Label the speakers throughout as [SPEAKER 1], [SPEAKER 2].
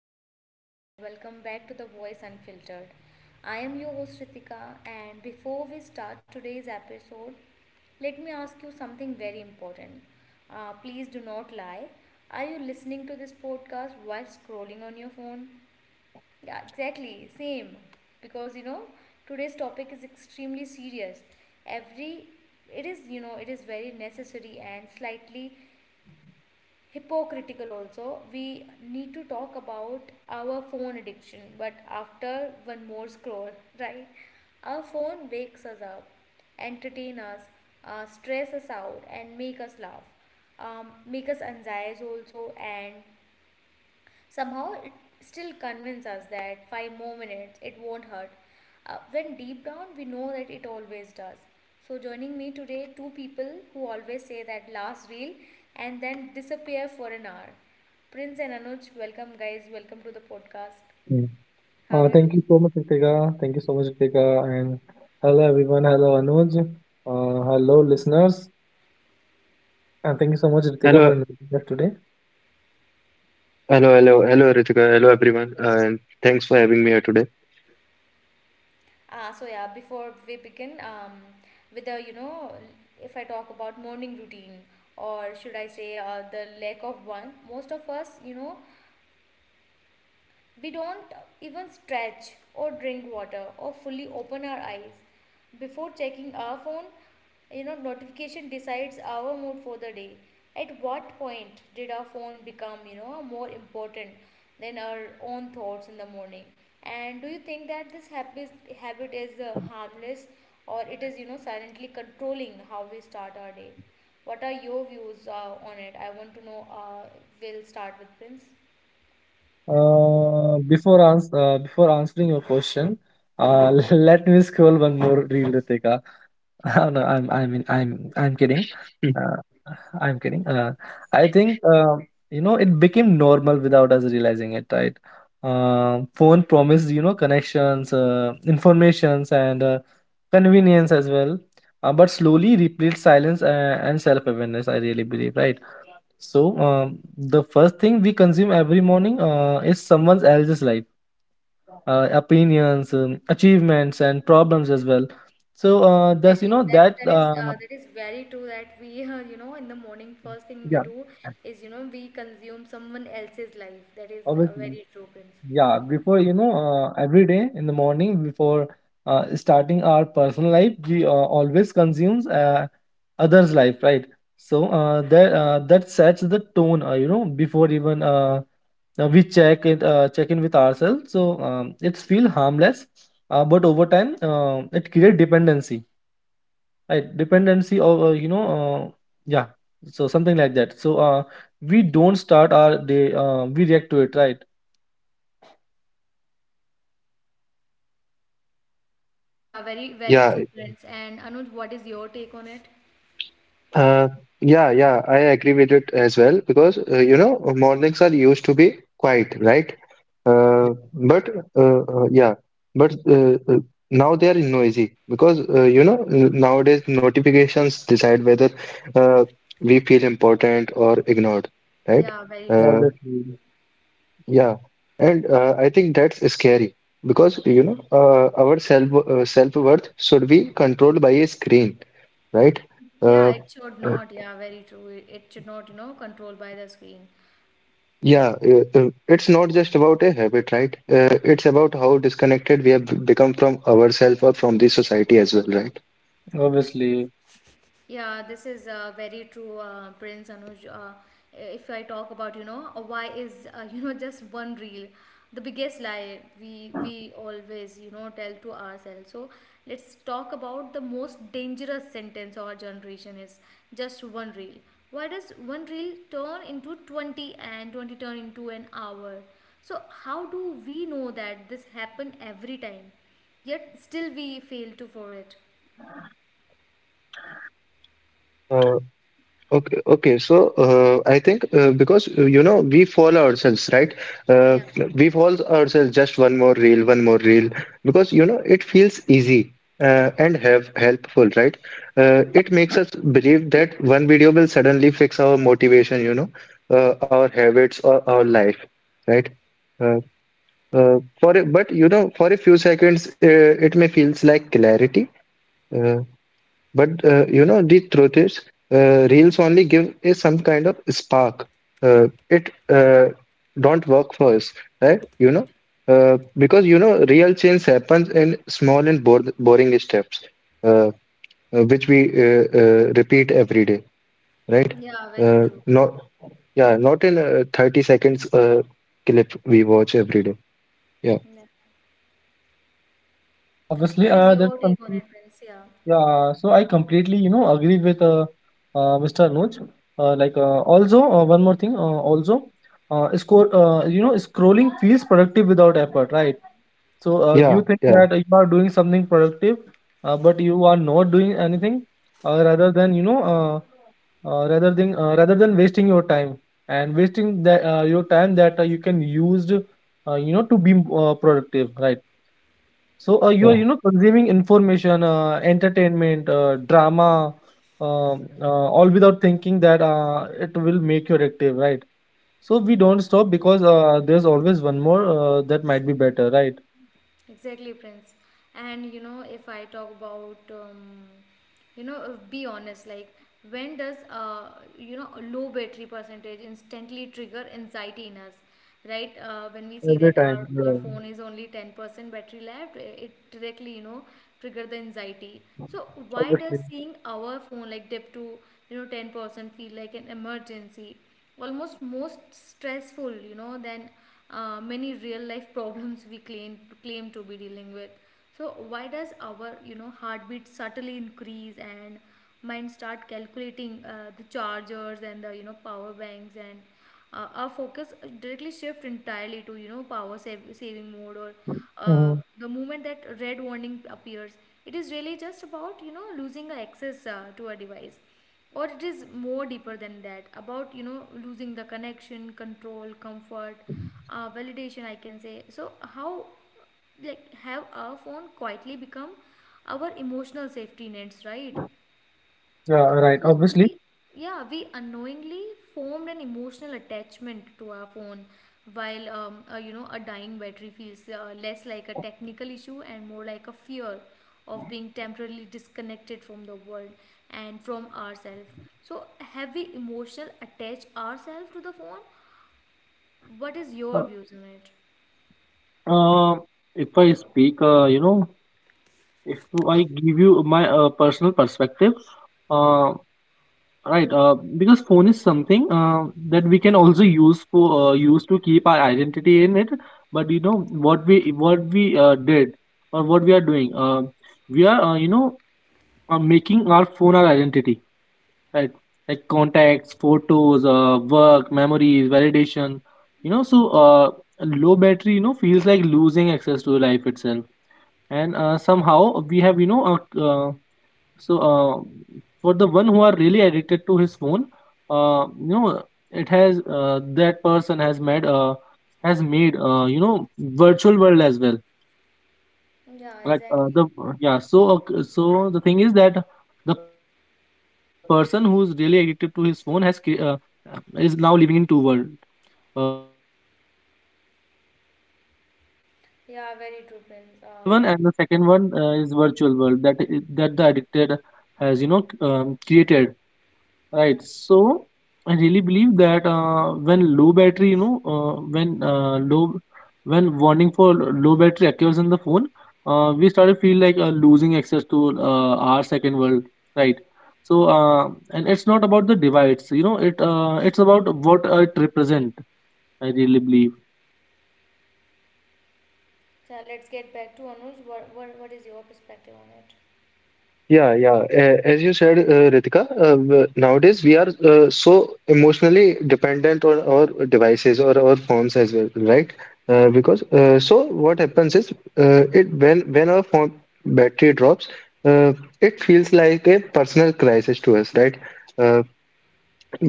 [SPEAKER 1] everyone, and welcome back to the Voice Unfiltered. I am your host Ritika, and before we start today's episode, let me ask you something very important. Please do not lie. Are you listening to this podcast while scrolling on your phone? Yeah, exactly, same. Because you know, today's topic is extremely serious. Every It is you know it is very necessary and slightly hypocritical also. We need to talk about our phone addiction, but after one more scroll, right? Our phone wakes us up, entertain us, stress us out, and make us laugh, make us anxious also, and somehow, it still convinces us that five more minutes, it won't hurt. When deep down, we know that it always does. So, joining me today, two people who always say that last reel and then disappear for an hour. Prince and Anuj, welcome guys, welcome to the podcast.
[SPEAKER 2] Mm.
[SPEAKER 1] How are you
[SPEAKER 2] Thank you
[SPEAKER 1] doing?
[SPEAKER 2] so much, Ritika. Thank you so much, Ritika. And hello, everyone. Hello, Anuj. Hello, listeners. And thank you so much, Ritika,
[SPEAKER 3] Hello,
[SPEAKER 2] for inviting us today.
[SPEAKER 3] hello, Ritika. Hello, everyone, and thanks for having me here today.
[SPEAKER 1] Ah, so yeah, before we begin, with the, you know, if I talk about morning routine, or should I say, the lack of one, most of us, you know, we don't even stretch or drink water or fully open our eyes before checking our phone, you know, notification decides our mood for the day. At what point did our phone become, you know, more important than our own thoughts in the morning? And do you think that this habit is harmless or it is, you know, silently controlling how we start our day? What are your views on it? I want to know. We'll start with Prince.
[SPEAKER 2] Before answering your question, let me scroll one more reel, Ritika. Oh, no, I mean, I'm kidding.
[SPEAKER 3] Hmm.
[SPEAKER 2] Uh, I'm kidding. I think, you know, it became normal without us realizing it, right? Phone promised, you know, connections, informations, and convenience as well, but slowly replaced silence and self-awareness. I really believe, right? So the first thing we consume every morning is someone else's life, opinions, achievements, and problems as well. So thus you
[SPEAKER 1] Exactly.
[SPEAKER 2] know
[SPEAKER 1] That
[SPEAKER 2] that,
[SPEAKER 1] that is that is very true that we you know in the morning first thing we
[SPEAKER 2] yeah,
[SPEAKER 1] do is you know we consume someone else's life. That is
[SPEAKER 2] obviously.
[SPEAKER 1] very true, Prince.
[SPEAKER 2] Yeah, before you know, every day in the morning before starting our personal life, we always consumes others' life, right? So that sets the tone, you know, before even, we check it, check in with ourselves. So it's feel harmless, but over time, it create dependency, right? Dependency of, yeah. So something like that. So we don't start our day, we react to it, right?
[SPEAKER 1] Yeah, very very
[SPEAKER 3] Yeah,
[SPEAKER 1] true, Prince. And Anuj, what is your take on it?
[SPEAKER 3] uh, yeah, I agree with it as well because you know mornings are used to be quiet, right?
[SPEAKER 2] Yeah,
[SPEAKER 3] Uh, but uh, uh, yeah, but now they are noisy because you know nowadays notifications decide whether uh, we feel important or ignored, right?
[SPEAKER 1] Yeah, very
[SPEAKER 3] Uh,
[SPEAKER 1] true.
[SPEAKER 2] obviously.
[SPEAKER 3] Yeah, and I think that's scary because you know our self-worth should be controlled by a screen, right?
[SPEAKER 1] Yeah,
[SPEAKER 3] Uh,
[SPEAKER 1] it should
[SPEAKER 3] uh,
[SPEAKER 1] not. Yeah, very true. It should not, you know, controlled by the screen. Yeah.
[SPEAKER 3] yeah, it's not just about a habit, right? It's about how disconnected we have become from ourselves or from the society as well, right?
[SPEAKER 2] Obviously.
[SPEAKER 1] Yeah, this is very true, Prince Anuj. If I talk about, you know, why is, you know, just one reel the biggest lie we always, you know, tell to ourselves. So let's talk about the most dangerous sentence our generation is just one reel. Why does one reel turn into 20 and 20 turn into an hour? So how do we know that this happen every time? Yet still we fail to for it.
[SPEAKER 3] Okay. So I think because you know we follow ourselves, right? Uh,
[SPEAKER 1] Yeah.
[SPEAKER 3] we follow ourselves just one more reel, because you know it feels easy and have helpful, right? It makes us believe that one video will suddenly fix our motivation, you know, our habits or our life, right? Uh, for a, but you know, For a few seconds, it may feels like clarity. uh, but you know, the truth is, reels only give is some kind of spark. It don't work for us, right? You know, because you know, real change happens in small and boring steps, uh, which we repeat every day, right?
[SPEAKER 1] Yeah, very
[SPEAKER 3] Uh,
[SPEAKER 1] true.
[SPEAKER 3] not yeah, Not in a 30 seconds clip we watch every day. Yeah,
[SPEAKER 1] Yeah.
[SPEAKER 2] Yeah, obviously.
[SPEAKER 1] What is
[SPEAKER 2] That's
[SPEAKER 1] your take on
[SPEAKER 2] something.
[SPEAKER 1] it, Prince? Yeah.
[SPEAKER 2] Yeah. So I completely, you know, agree with Mr. Anuj. Like, also, one more thing, also, you know, scrolling feels productive without effort, right? So,
[SPEAKER 1] Yeah,
[SPEAKER 3] yeah,
[SPEAKER 2] you think
[SPEAKER 3] yeah,
[SPEAKER 2] that you are doing something productive, but you are not doing anything, rather than, you know, rather than wasting your time, and wasting that, your time that, you can used, you know, to be productive, right? So you are, you
[SPEAKER 3] yeah.
[SPEAKER 2] know, consuming information, entertainment, drama, all without thinking that, it will make you addictive, right? So we don't stop because there's always one more that might be better, right?
[SPEAKER 1] exactly, Prince. And you know, if I talk about, you know, be honest, like when does you know, a low battery percentage instantly trigger anxiety in us, right? When we see
[SPEAKER 2] Every
[SPEAKER 1] that
[SPEAKER 2] time,
[SPEAKER 1] our
[SPEAKER 2] yeah,
[SPEAKER 1] phone is only 10% battery left, it directly, you know, trigger the anxiety. So why does
[SPEAKER 2] obviously.
[SPEAKER 1] seeing our phone like dip to, you know, 10% feel like an emergency? Almost most stressful you know than many real life problems we claim to be dealing with, so why does our you know heartbeat subtly increase and mind start calculating the chargers and the you know power banks and our focus directly shift entirely to you know power saving mode or uh,
[SPEAKER 2] Hmm.
[SPEAKER 1] the moment that red warning appears, it is really just about you know losing access to a device or it is more deeper than that about you know losing the connection, control, comfort, validation, I can say. So how like have our phone quietly become our emotional safety nets, right?
[SPEAKER 2] Yeah, right.
[SPEAKER 1] So
[SPEAKER 2] Obviously.
[SPEAKER 1] we, yeah, we unknowingly formed an emotional attachment to our phone, while you know a dying battery feels less like a technical issue and more like a fear of being temporarily disconnected from the world and from ourselves. So have we emotional attach ourselves to the phone? What is your
[SPEAKER 2] Uh,
[SPEAKER 1] views on it?
[SPEAKER 2] uh, if I speak, you know, if I give you my personal perspective, right, because phone is something that we can also use for use to keep our identity in it. But you know what we did, or what we are doing, we are, making our phone our identity, right? Like contacts, photos, work, memories, validation. You know, so low battery, you know, feels like losing access to life itself. And somehow we have, you know, uh, for the one who are really addicted to his phone, you know, it has, that person has made, you know, virtual world as well.
[SPEAKER 1] Yeah,
[SPEAKER 2] Like, the
[SPEAKER 1] exactly.
[SPEAKER 2] yeah. So the thing is that the person who is really addicted to his phone is now living in two world, you know, the first world is, you know, uh, the
[SPEAKER 1] Yeah,
[SPEAKER 2] the
[SPEAKER 1] very true,
[SPEAKER 2] you know, the
[SPEAKER 1] Prince.
[SPEAKER 2] real one, and the second one, is virtual world that, that the addicted has, you know, created,
[SPEAKER 1] Yeah.
[SPEAKER 2] right. So, I really believe that, when low battery, you know, when warning for low battery occurs in the phone, we start to feel like, losing access to, our second world, right. And it's not about the device. You know, it's about what it represents, I really believe.
[SPEAKER 1] So let's get back to Anuj. What is your perspective on it?
[SPEAKER 3] Yeah, A- as you said, Ritika, nowadays we are so emotionally dependent on our devices or our phones as well, right? Because so what happens is it when our phone battery drops, uh, it feels like a personal crisis to us, right? Uh,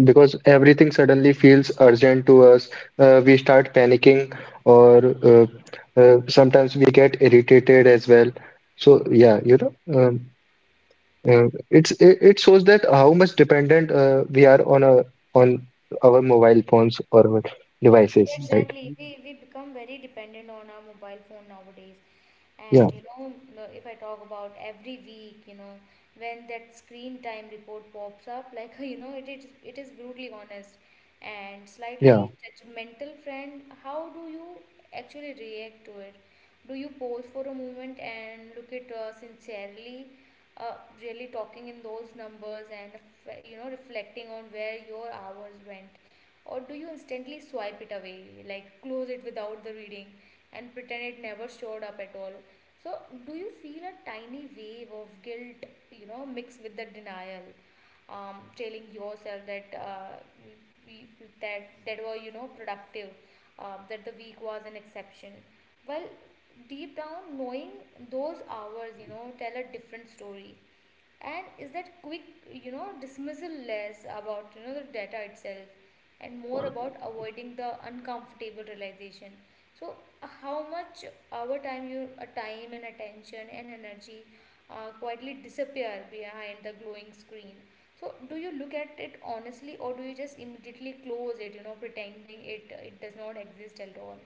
[SPEAKER 3] because everything suddenly feels urgent to us. We start panicking, or uh, sometimes we get irritated as well. So yeah, you know. It's it shows that how much dependent we are on a on our mobile phones or our devices, right?
[SPEAKER 1] Exactly. We become very dependent on our mobile phone nowadays. And
[SPEAKER 3] Yeah,
[SPEAKER 1] you know, if I talk about every week, you know, when that screen time report pops up, like you know, it is brutally honest and slightly
[SPEAKER 3] yeah.
[SPEAKER 1] judgmental friend. How do you actually react to it? Do you pause for a moment and look at sincerely, uh, really talking in those numbers and you know, reflecting on where your hours went? Or do you instantly swipe it away, like close it without the reading and pretend it never showed up at all? So, do you feel a tiny wave of guilt, you know, mixed with the denial, telling yourself that we, that were you know productive, that the week was an exception, while deep down knowing those hours, you know, tell a different story, and is that quick you know dismissal less about you know the data itself and more about avoiding the uncomfortable realization? So how much our time and attention and energy quietly disappear behind the glowing screen, so do you look at it honestly or do you just immediately close it you know pretending it does not exist at all?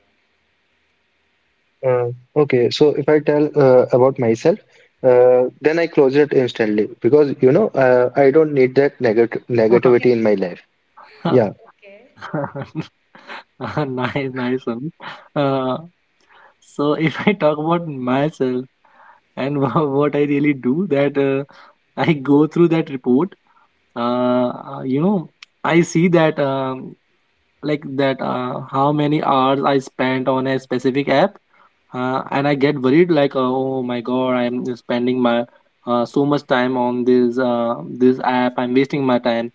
[SPEAKER 3] Uh, okay, so if I tell about myself, then I close it instantly because you know I don't need that negative
[SPEAKER 1] Yeah.
[SPEAKER 3] negativity in my life. Yeah,
[SPEAKER 1] Okay.
[SPEAKER 2] Nice, nice one. Uh, so, if I talk about myself, and what I really do, that, I go through that report. Uh, you know, I see that. Like that, how many hours I spent on a specific app, and I get worried like, oh my god, I'm spending my, so much time on this app, I'm wasting my time.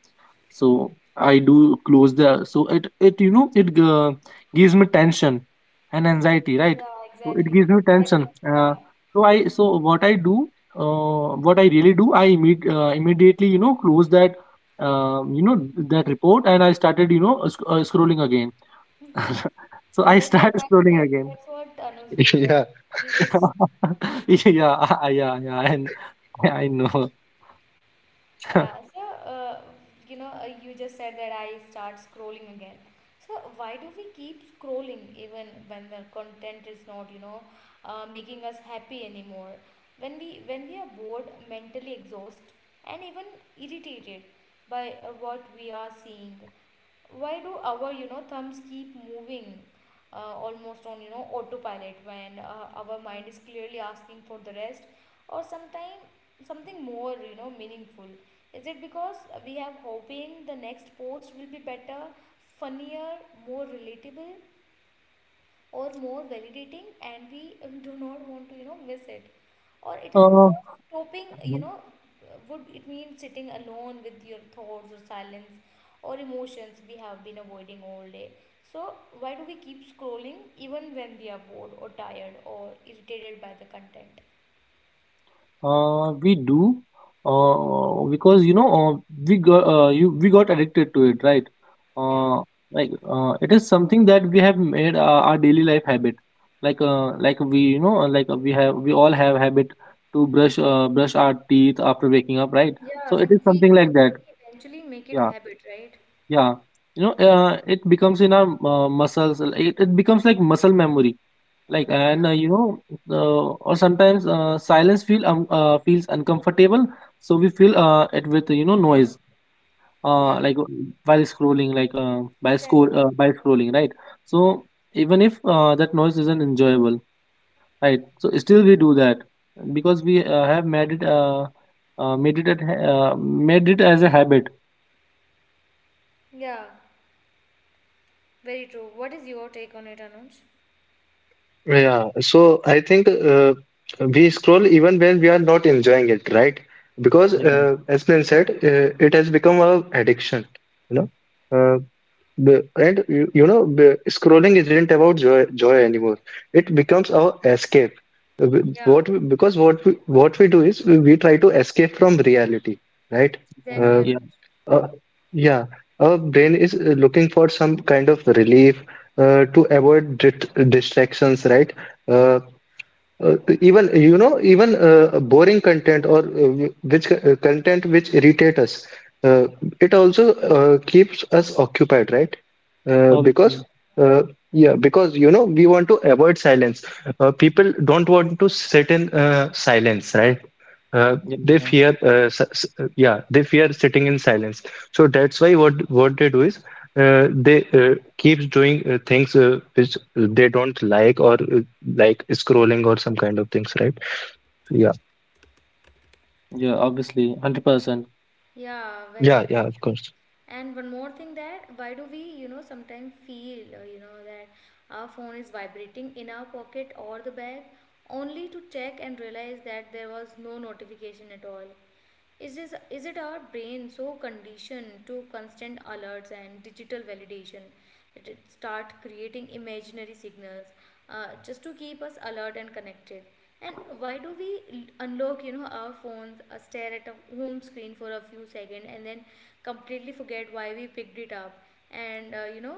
[SPEAKER 2] So, I do close the so it you know, it gives me tension and anxiety, right.
[SPEAKER 1] Yeah,
[SPEAKER 2] So it
[SPEAKER 1] exactly.
[SPEAKER 2] gives me tension,
[SPEAKER 1] That,
[SPEAKER 2] so what I do, what I really do, I immediately, you know, close that, you know, that report. And I started, you know, scrolling again.
[SPEAKER 1] yeah.
[SPEAKER 2] So I
[SPEAKER 1] That's
[SPEAKER 2] start
[SPEAKER 1] what that,
[SPEAKER 2] scrolling
[SPEAKER 1] that
[SPEAKER 2] again.
[SPEAKER 1] that's what Anuj do,
[SPEAKER 3] yeah,
[SPEAKER 1] right? He just
[SPEAKER 2] Yeah, yeah, yeah, yeah, and I know.
[SPEAKER 1] yeah. So uh, you know, you just said that I start scrolling again. So why do we keep scrolling even when the content is not, you know, making us happy anymore? When we are bored, mentally exhausted, and even irritated by what we are seeing, why do our you know thumbs keep moving almost on you know autopilot when our mind is clearly asking for the rest or sometime something more you know meaningful? Is it because we have hoping the next post will be better, funnier, more relatable, or more validating, and we do not want to you know miss it, or it is
[SPEAKER 2] Uh,
[SPEAKER 1] because stopping you know would it means sitting alone with your thoughts or silence or emotions we have been avoiding all day? So why do we keep scrolling even when we are bored or tired or irritated by the content?
[SPEAKER 2] We do, because you know, we got addicted to it, right?
[SPEAKER 1] Yeah.
[SPEAKER 2] Uh, like, it is something that we have made, our daily life habit. Like we, you know, we all have habit to brush our teeth after waking up, right? So
[SPEAKER 1] Yeah,
[SPEAKER 2] it is
[SPEAKER 1] we
[SPEAKER 2] something like that.
[SPEAKER 1] eventually make it
[SPEAKER 2] Yeah,
[SPEAKER 1] habit, right?
[SPEAKER 2] yeah. You know, it becomes in our, muscles. Like, it becomes like muscle memory, like, and,
[SPEAKER 1] Yeah.
[SPEAKER 2] you know, or sometimes, silence feel feels uncomfortable, so we fill, it with, you know, noise, uh,
[SPEAKER 1] Yeah.
[SPEAKER 2] like uh, while scrolling, like uh, by
[SPEAKER 1] Exactly.
[SPEAKER 2] score uh, by scrolling, right. So even if, that noise isn't enjoyable, right. So still we do that, because we, have made it, made it as a habit.
[SPEAKER 1] Yeah. Very true. What is your take on it, Anuj?
[SPEAKER 3] yeah. So I think we scroll even when we are not enjoying it, right? Because
[SPEAKER 1] Yeah.
[SPEAKER 2] Yeah,
[SPEAKER 3] as been said, it has become a addiction. You know. Uh, And you, you know, scrolling isn't about joy anymore. It becomes our escape.
[SPEAKER 1] Yeah.
[SPEAKER 3] What we, because what we do is we try to escape from reality, right? Uh,
[SPEAKER 1] Exactly,
[SPEAKER 2] yeah,
[SPEAKER 1] Anuj.
[SPEAKER 3] uh, yeah, our brain is looking for some kind of relief to avoid distractions, right? Uh, Even you know even boring content or which content which irritate us uh, it also keeps us occupied, right? uh,
[SPEAKER 2] obviously.
[SPEAKER 3] because uh, yeah because you know we want to avoid silence, people don't want to sit in silence, right? uh,
[SPEAKER 2] Yeah,
[SPEAKER 3] they
[SPEAKER 2] yeah,
[SPEAKER 3] fear s s- Yeah, they fear sitting in silence, so that's why what they do is they keeps doing things which they don't like or like scrolling or some kind of things, right? Yeah,
[SPEAKER 2] yeah, obviously. 100%.
[SPEAKER 1] Yeah, very,
[SPEAKER 3] yeah,
[SPEAKER 1] very
[SPEAKER 3] yeah, of
[SPEAKER 1] true.
[SPEAKER 3] course.
[SPEAKER 1] And one more thing that why do we, you know, sometimes feel, you know, that our phone is vibrating in our pocket or the bag only to check and realize that there was no notification at all. Is, this, is it our brain so conditioned to constant alerts and digital validation that it start creating imaginary signals just to keep us alert and connected? And why do we unlock, you know, our phones, stare at a home screen for a few seconds, and then completely forget why we picked it up? And you know,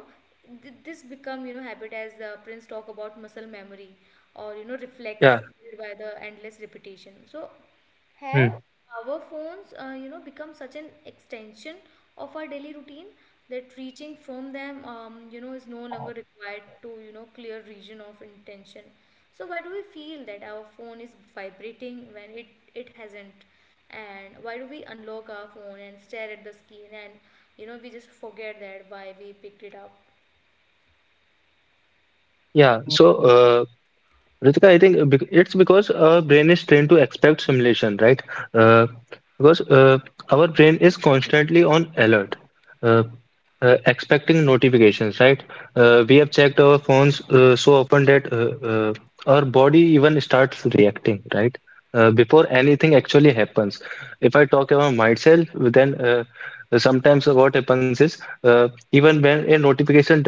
[SPEAKER 1] this become you know habit as Prince talk about muscle memory or you know
[SPEAKER 3] Yeah,
[SPEAKER 1] reflex built by the endless repetition. So have
[SPEAKER 3] hmm.
[SPEAKER 1] our phones you know become such an extension of our daily routine that reaching from them you know is no longer required to you know clear region of intention, so why do we feel that our phone is vibrating when it hasn't, and why do we unlock our phone and stare at the screen and you know we just forget that why we picked it up?
[SPEAKER 3] Yeah. So, Ritika, I think it's because our brain is trained to expect simulation, right? Uh, because our brain is constantly on alert, uh, expecting notifications, right? We have checked our phones so often that our body even starts reacting, right? Before anything actually happens. If I talk about myself, then sometimes what happens is even when a notification uh,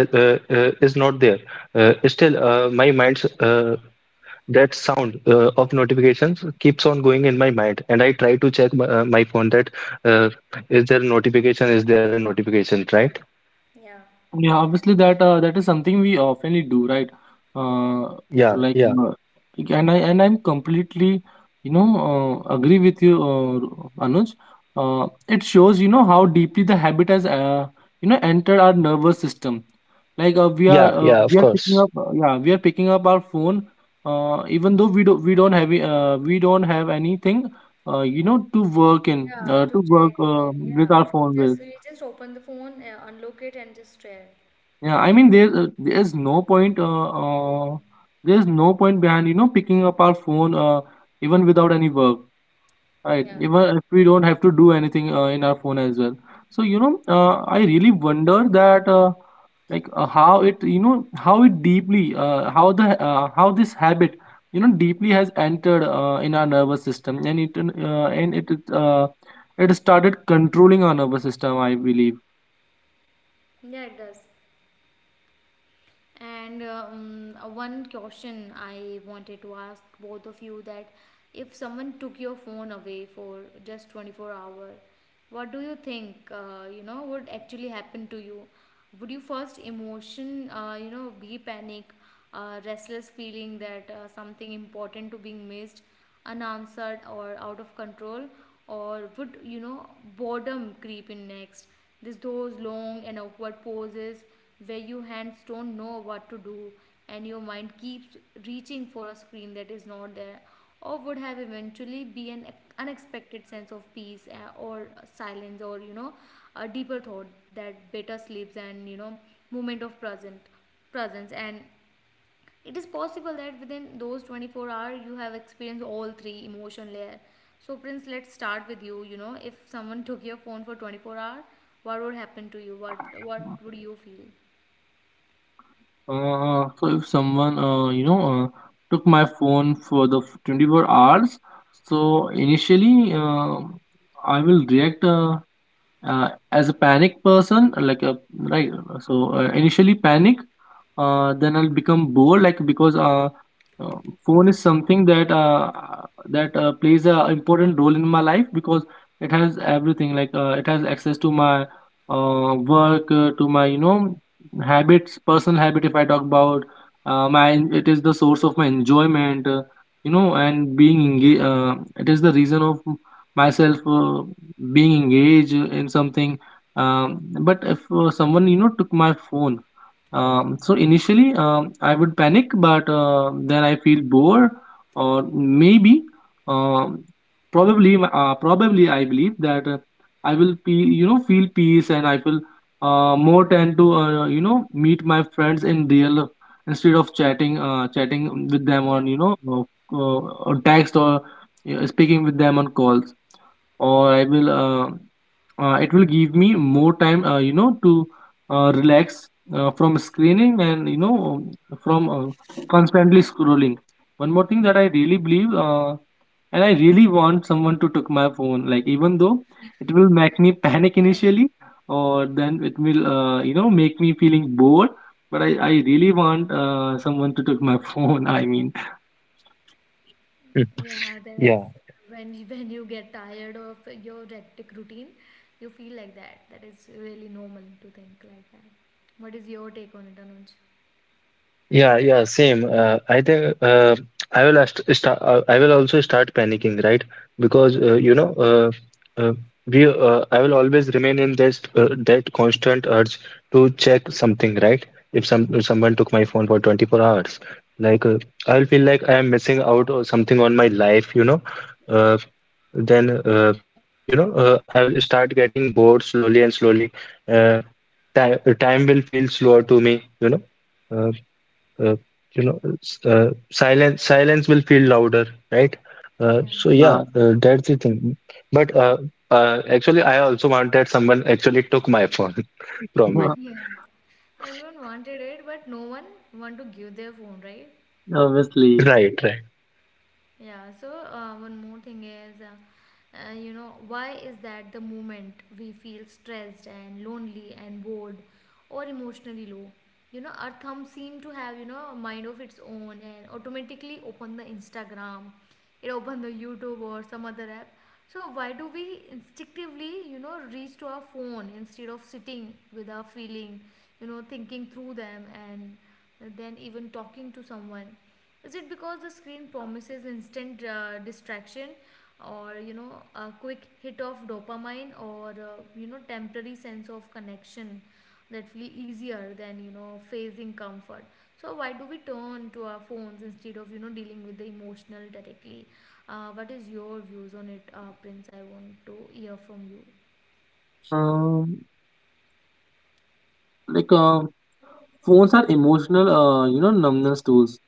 [SPEAKER 3] uh, is not there, still my mind's that sound of notifications keeps on going in my mind and I try to check my phone that uh, is there a notification, is there a notification, right?
[SPEAKER 1] Yeah,
[SPEAKER 2] Yeah, obviously that is something we oftenly do, right? Uh,
[SPEAKER 3] Yeah,
[SPEAKER 2] like,
[SPEAKER 3] yeah,
[SPEAKER 2] uh, like, and I and I'm completely, you know, agree with you, Anuj. It shows, you know, how deeply the habit has, you know, entered our nervous system. Like uh, we
[SPEAKER 3] yeah,
[SPEAKER 2] are uh,
[SPEAKER 3] yeah, of
[SPEAKER 2] we are picking
[SPEAKER 3] course.
[SPEAKER 2] up, yeah, we are picking up our phone, even though we don't have we don't have anything, you know,
[SPEAKER 1] yeah, to
[SPEAKER 2] to work,
[SPEAKER 1] check even,
[SPEAKER 2] with
[SPEAKER 1] yeah,
[SPEAKER 2] our phone with.
[SPEAKER 1] we just open the phone, unlock it and just stare.
[SPEAKER 2] Yeah, I mean, there's no point, uh there's no point behind, you know, picking up our phone, even without any work, right.
[SPEAKER 1] Yeah.
[SPEAKER 2] Even if we don't have to do anything, in our phone as well. So, you know, I really wonder that, like how it you know how it deeply how the how this habit, you know, deeply has entered, in our nervous system, and it it started controlling our nervous system, I believe.
[SPEAKER 1] Yeah, it does. And one question I wanted to ask both of you that if someone took your phone away for just 24-hour, what do you think you know would actually happen to you? Would you first emotion you know be panic, restless feeling that something important to being missed, unanswered, or out of control, or would you know boredom creep in next? This those long and awkward pauses where your hands don't know what to do and your mind keeps reaching for a screen that is not there, or would have eventually be an unexpected sense of peace or silence or you know a deeper thought that better sleeps and you know moment of present presence and it is possible that within those 24 hours you have experienced all three emotion layer. So Prince let's start with you, you know if someone took your phone for 24 hours, what would happen to you? What would you feel?
[SPEAKER 2] So if someone, you know, took my phone for 24 hours, so initially, I will react, as a panic person, like a, right. So initially panic. Then I'll become bored, like, because, uh, phone is something that, that plays a important role in my life, because it has everything, it has access to my, work, to my, you know, habits, personal habit, if I talk about, my it is the source of my enjoyment, you know, and being engaged, it is the reason of myself, being engaged in something. But if, someone, you know, took my phone. So initially, I would panic, but, then I feel bored. Or maybe, um, probably I believe that, I will be, you know, feel peace, and I will, more tend to, you know, meet my friends in real, instead of chatting with them on,
[SPEAKER 1] Yeah,
[SPEAKER 2] you know, uh, or text, or, you know, speaking with them on calls, or I will, it will give me more time, you know, to, relax, from screening, and, you know, from, constantly scrolling. One more thing that I really believe, and I really want someone to take my phone, like, even though it will make me panic initially, or then it will, you know, make me feeling bored, but I really want, someone to take my phone. I mean,
[SPEAKER 3] Hmm.
[SPEAKER 1] and you- when you get tired of your hectic routine, you feel like that. That is really normal to think like that. What is your take on it, Anuj?
[SPEAKER 3] Yeah, same. I think start. I will also start panicking, right? Because you know, uh, we. I will always remain in this that constant urge to check something, right? If someone took my phone for 24 hours, like uh, I will feel like I am missing out or something on my life, you know. Uh, then you know, I will start getting bored slowly and slowly. Uh, time will feel slower to me, you know. Uh, uh, you know silence will feel louder, right?
[SPEAKER 1] Yeah.
[SPEAKER 3] So yeah,
[SPEAKER 2] yeah.
[SPEAKER 3] that's the thing. But actually I also want that someone actually took my phone from me.
[SPEAKER 1] Yeah. Everyone wanted it, but no one want to give their phone, right?
[SPEAKER 2] Obviously.
[SPEAKER 3] Right, right.
[SPEAKER 1] Yeah, so one more thing is, why is that the moment we feel stressed and lonely and bored or emotionally low? Our thumb seem to have, a mind of its own and automatically open the Instagram, it open the YouTube or some other app. So why do we instinctively, reach to our phone instead of sitting with our feeling, thinking through them and then even talking to someone? Is it because the screen promises instant distraction, or a quick hit of dopamine, or temporary sense of connection that feel easier than facing comfort? So why do we turn to our phones instead of dealing with the emotional directly? What is your views on it, Prince? I want to hear from you.
[SPEAKER 2] Um, like, phones are emotional, you know, numbness tools,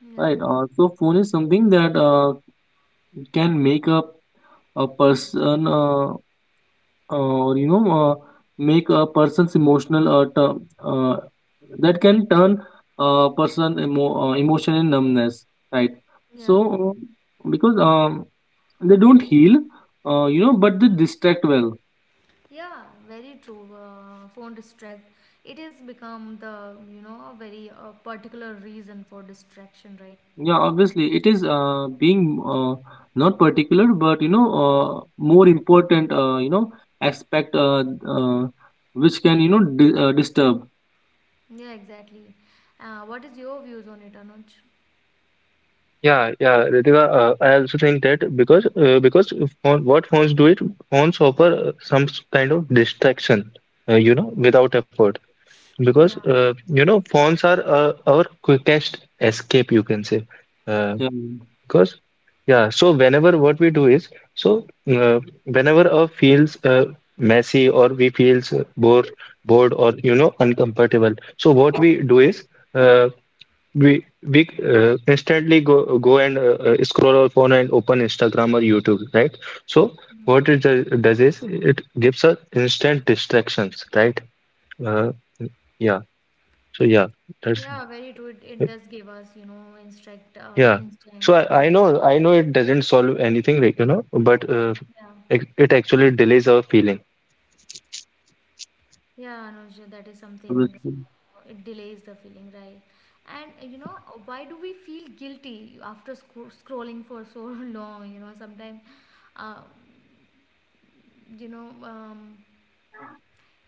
[SPEAKER 1] yeah
[SPEAKER 2] right. So phone is something that, can make up a person, or, you know, make a person's emotional, uh, that can turn a person, emotion in numbness, right.
[SPEAKER 1] yeah
[SPEAKER 2] So because, they don't heal, you know, but they distract well.
[SPEAKER 1] Yeah, very true. Phone distract. It has become the a very particular reason for distraction, right?
[SPEAKER 2] Yeah, obviously it is, being, not particular, but, you know, more important, you know, aspect, which can, you know, disturb.
[SPEAKER 1] Yeah, exactly. What is your views on it, Anuj?
[SPEAKER 3] Yeah, Ritika, I also think that, because because phone, what phones do it, phones offer some kind of distraction you know without effort, because
[SPEAKER 1] Yeah,
[SPEAKER 3] you know phones are our quickest escape, you can say. Uh,
[SPEAKER 2] Yeah,
[SPEAKER 3] Because, yeah, so whenever what we do is, so whenever a feels messy or we feels bored or you know uncomfortable, so what we do is uh, we instantly go and scroll our phone and open Instagram or YouTube, right? So what
[SPEAKER 1] yeah,
[SPEAKER 3] it does is it gives us instant distractions, right? Uh, yeah. So yeah, that's
[SPEAKER 1] yeah. Very true. It does give us instant
[SPEAKER 3] yeah. So
[SPEAKER 1] distraction.
[SPEAKER 3] I know it doesn't solve anything, like, you know, but
[SPEAKER 1] Yeah,
[SPEAKER 3] it, it actually delays our feeling.
[SPEAKER 1] yeah, Anuj. That is something.
[SPEAKER 2] obviously.
[SPEAKER 1] It delays the feeling, right? And why do we feel guilty after scrolling for so long? Sometimes uh, you know um,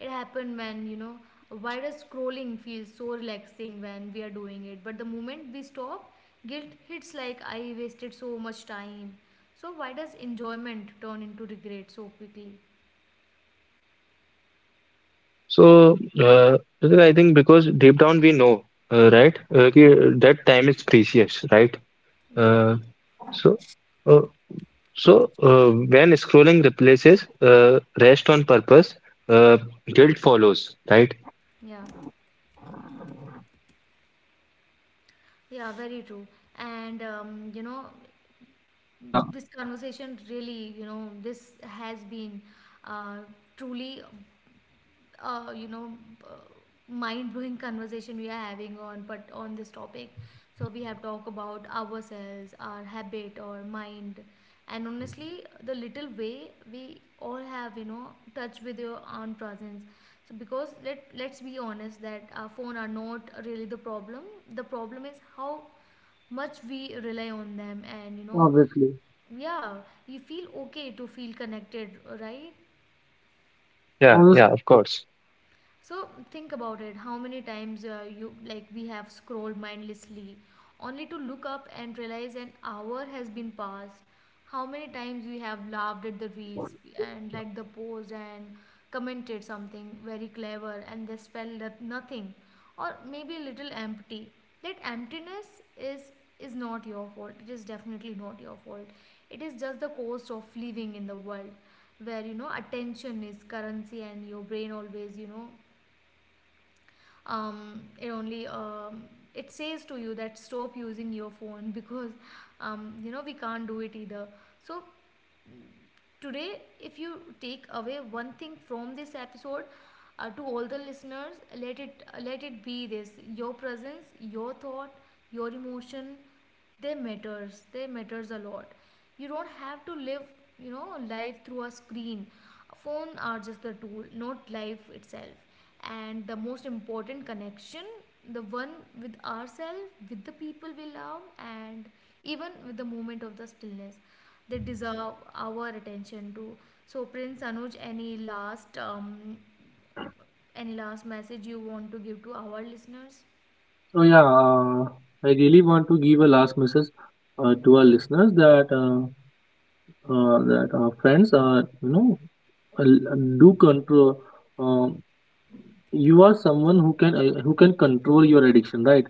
[SPEAKER 1] it happened when wider scrolling feels so relaxing when we are doing it, but the moment we stop, guilt hits like I wasted so much time. So why does enjoyment turn into regret so quickly?
[SPEAKER 3] So, Ritika, I think because deep down we know, right, कि that time is precious, right?
[SPEAKER 1] Exactly.
[SPEAKER 3] Uh, so, uh, so when scrolling replaces rest on purpose, uh, guilt follows, right?
[SPEAKER 1] Yeah, yeah, very true. And
[SPEAKER 2] Yeah,
[SPEAKER 1] this conversation really, this has been uh, truly uh, you know uh, mind-blowing conversation we are having on, but on this topic. So we have talked about ourselves, our habit, our mind, and honestly the little way we all have, touch with your own presence. So because let's be honest that our phone are not really the problem. The problem is how much we rely on them, and.
[SPEAKER 2] obviously.
[SPEAKER 1] Yeah, we feel okay to feel connected, right?
[SPEAKER 3] Yeah,
[SPEAKER 2] Obviously.
[SPEAKER 3] yeah, of course.
[SPEAKER 1] So think about it. How many times, you like we have scrolled mindlessly, only to look up and realize an hour has been passed. How many times we have laughed at the reels and liked the post and commented something very clever, and this felt that nothing, or maybe a little empty. That emptiness is not your fault. It is definitely not your fault. It is just the cost of living in the world where attention is currency, and your brain always, it only, it says to you that stop using your phone because we can't do it either. So today, if you take away one thing from this episode, to all the listeners, let it be this: your presence, your thought, your emotion, they matters, they matters a lot. You don't have to live, life through a screen. Phone are just the tool, not life itself. And the most important connection, the one with ourselves, with the people we love, and even with the moment of the stillness, they deserve our attention too. So, Prince, Anuj, any last message you want to give to our listeners?
[SPEAKER 2] So yeah, I really want to give a last message, to our listeners, that, that our friends are, you know, uh, do control. Uh, you are someone who can, who can control your addiction, right?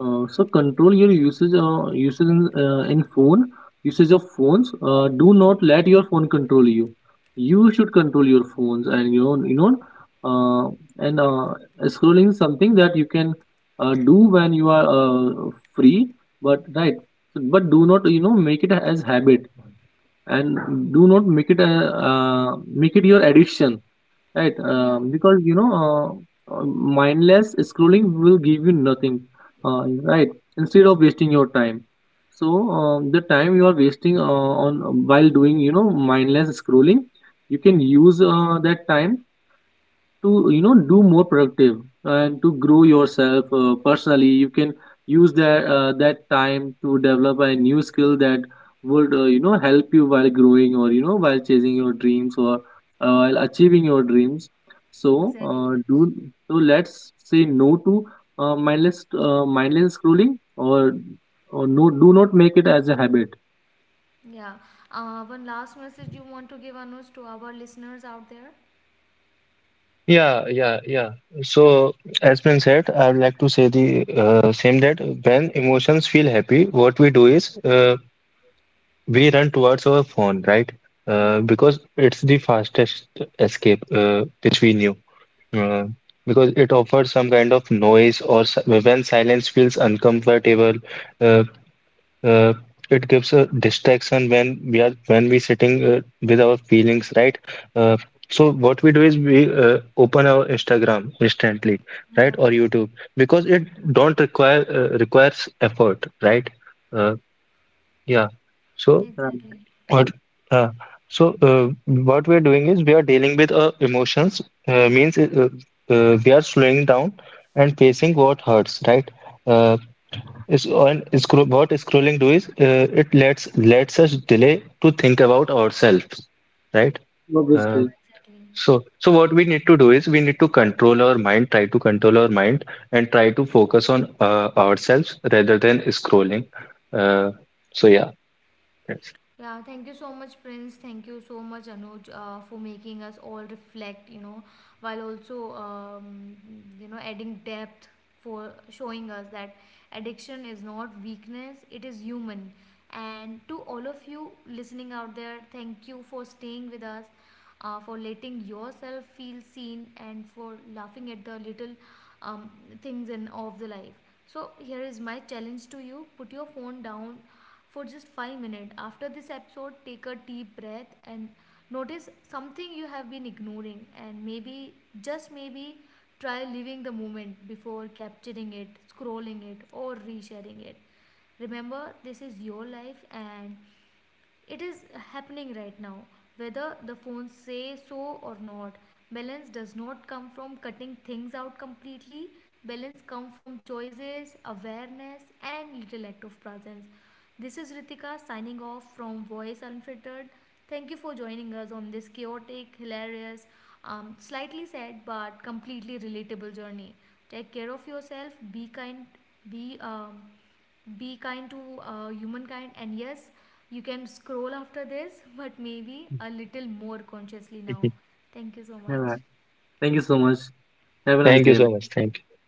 [SPEAKER 2] So control your usage, usage in phone, usage of phones. Do not let your phone control you. You should control your phones, and you know, you know uh, and scrolling is something that you can, do when you are, free. But right, but do not, you know, make it as habit, and do not make it your addiction. Right.
[SPEAKER 1] Yeah,
[SPEAKER 2] Because, you know, mindless scrolling will give you nothing, right? Instead of wasting your time, so the time you are wasting, on while doing, you know, mindless scrolling, you can use, that time to, you know, do more productive, and to grow yourself, personally, you can use that time to develop a new skill that would, you know, help you while growing, or, you know, while chasing your dreams, or, while achieving your dreams. so
[SPEAKER 1] exactly,
[SPEAKER 2] uh,
[SPEAKER 1] Prince.
[SPEAKER 2] do so let's say no to, mindless scrolling, or no, do not make it as a habit.
[SPEAKER 1] Yeah. One last message you want to give, Anuj, to our listeners out there?
[SPEAKER 3] Yeah, yeah, yeah. So, as been said, I would like to say the same, that when emotions feel happy, what we do is we run towards our phone, right?
[SPEAKER 1] Yeah.
[SPEAKER 3] Because it's the fastest escape which we knew. Uh, because it offers some kind of noise, or when silence feels uncomfortable, uh, uh, it gives a distraction when we are when we sitting with our feelings, right? Uh, so what we do is we open our Instagram instantly, right,
[SPEAKER 1] Yeah,
[SPEAKER 3] or YouTube, because it don't require requires effort, right? Uh, yeah. So.
[SPEAKER 2] Right.
[SPEAKER 1] exactly.
[SPEAKER 3] What? Uh, so what we are doing is we are dealing with emotions. Means We are slowing down and facing what hurts, right? Uh, is on scro What scrolling do is it lets us delay to think about ourselves, right? Uh,
[SPEAKER 1] Yeah,
[SPEAKER 2] Obviously.
[SPEAKER 1] exactly.
[SPEAKER 3] so what we need to do is we need to control our mind, try to control our mind, and try to focus on ourselves rather than scrolling. Uh, so yeah, that's.
[SPEAKER 1] Yeah, thank you so much, Prince. Thank you so much, Anuj, for making us all reflect, while also, adding depth, for showing us that addiction is not weakness, it is human. And to all of you listening out there, thank you for staying with us, for letting yourself feel seen, and for laughing at the little um, things in of the life. So, here is my challenge to you: put your phone down for just 5 minutes. After this episode, take a deep breath and notice something you have been ignoring, and maybe, just maybe, try living the moment before capturing it, scrolling it, or resharing it. Remember, this is your life, and it is happening right now. Whether the phones say so or not, balance does not come from cutting things out completely. Balance comes from choices, awareness, and little act of presence. This is Ritika signing off from Voice Unfiltered. Thank you for joining us on this chaotic, hilarious, slightly sad but completely relatable journey. Take care of yourself, be kind, be um, be kind to humankind, and yes, you can scroll after this, but maybe a little more consciously now.
[SPEAKER 3] Mhm.
[SPEAKER 1] Thank you so
[SPEAKER 2] Yeah,
[SPEAKER 1] much.
[SPEAKER 2] thank you so much. Have a nice
[SPEAKER 3] Thank
[SPEAKER 2] day,
[SPEAKER 3] you so
[SPEAKER 2] everyone.
[SPEAKER 3] much. Thank you.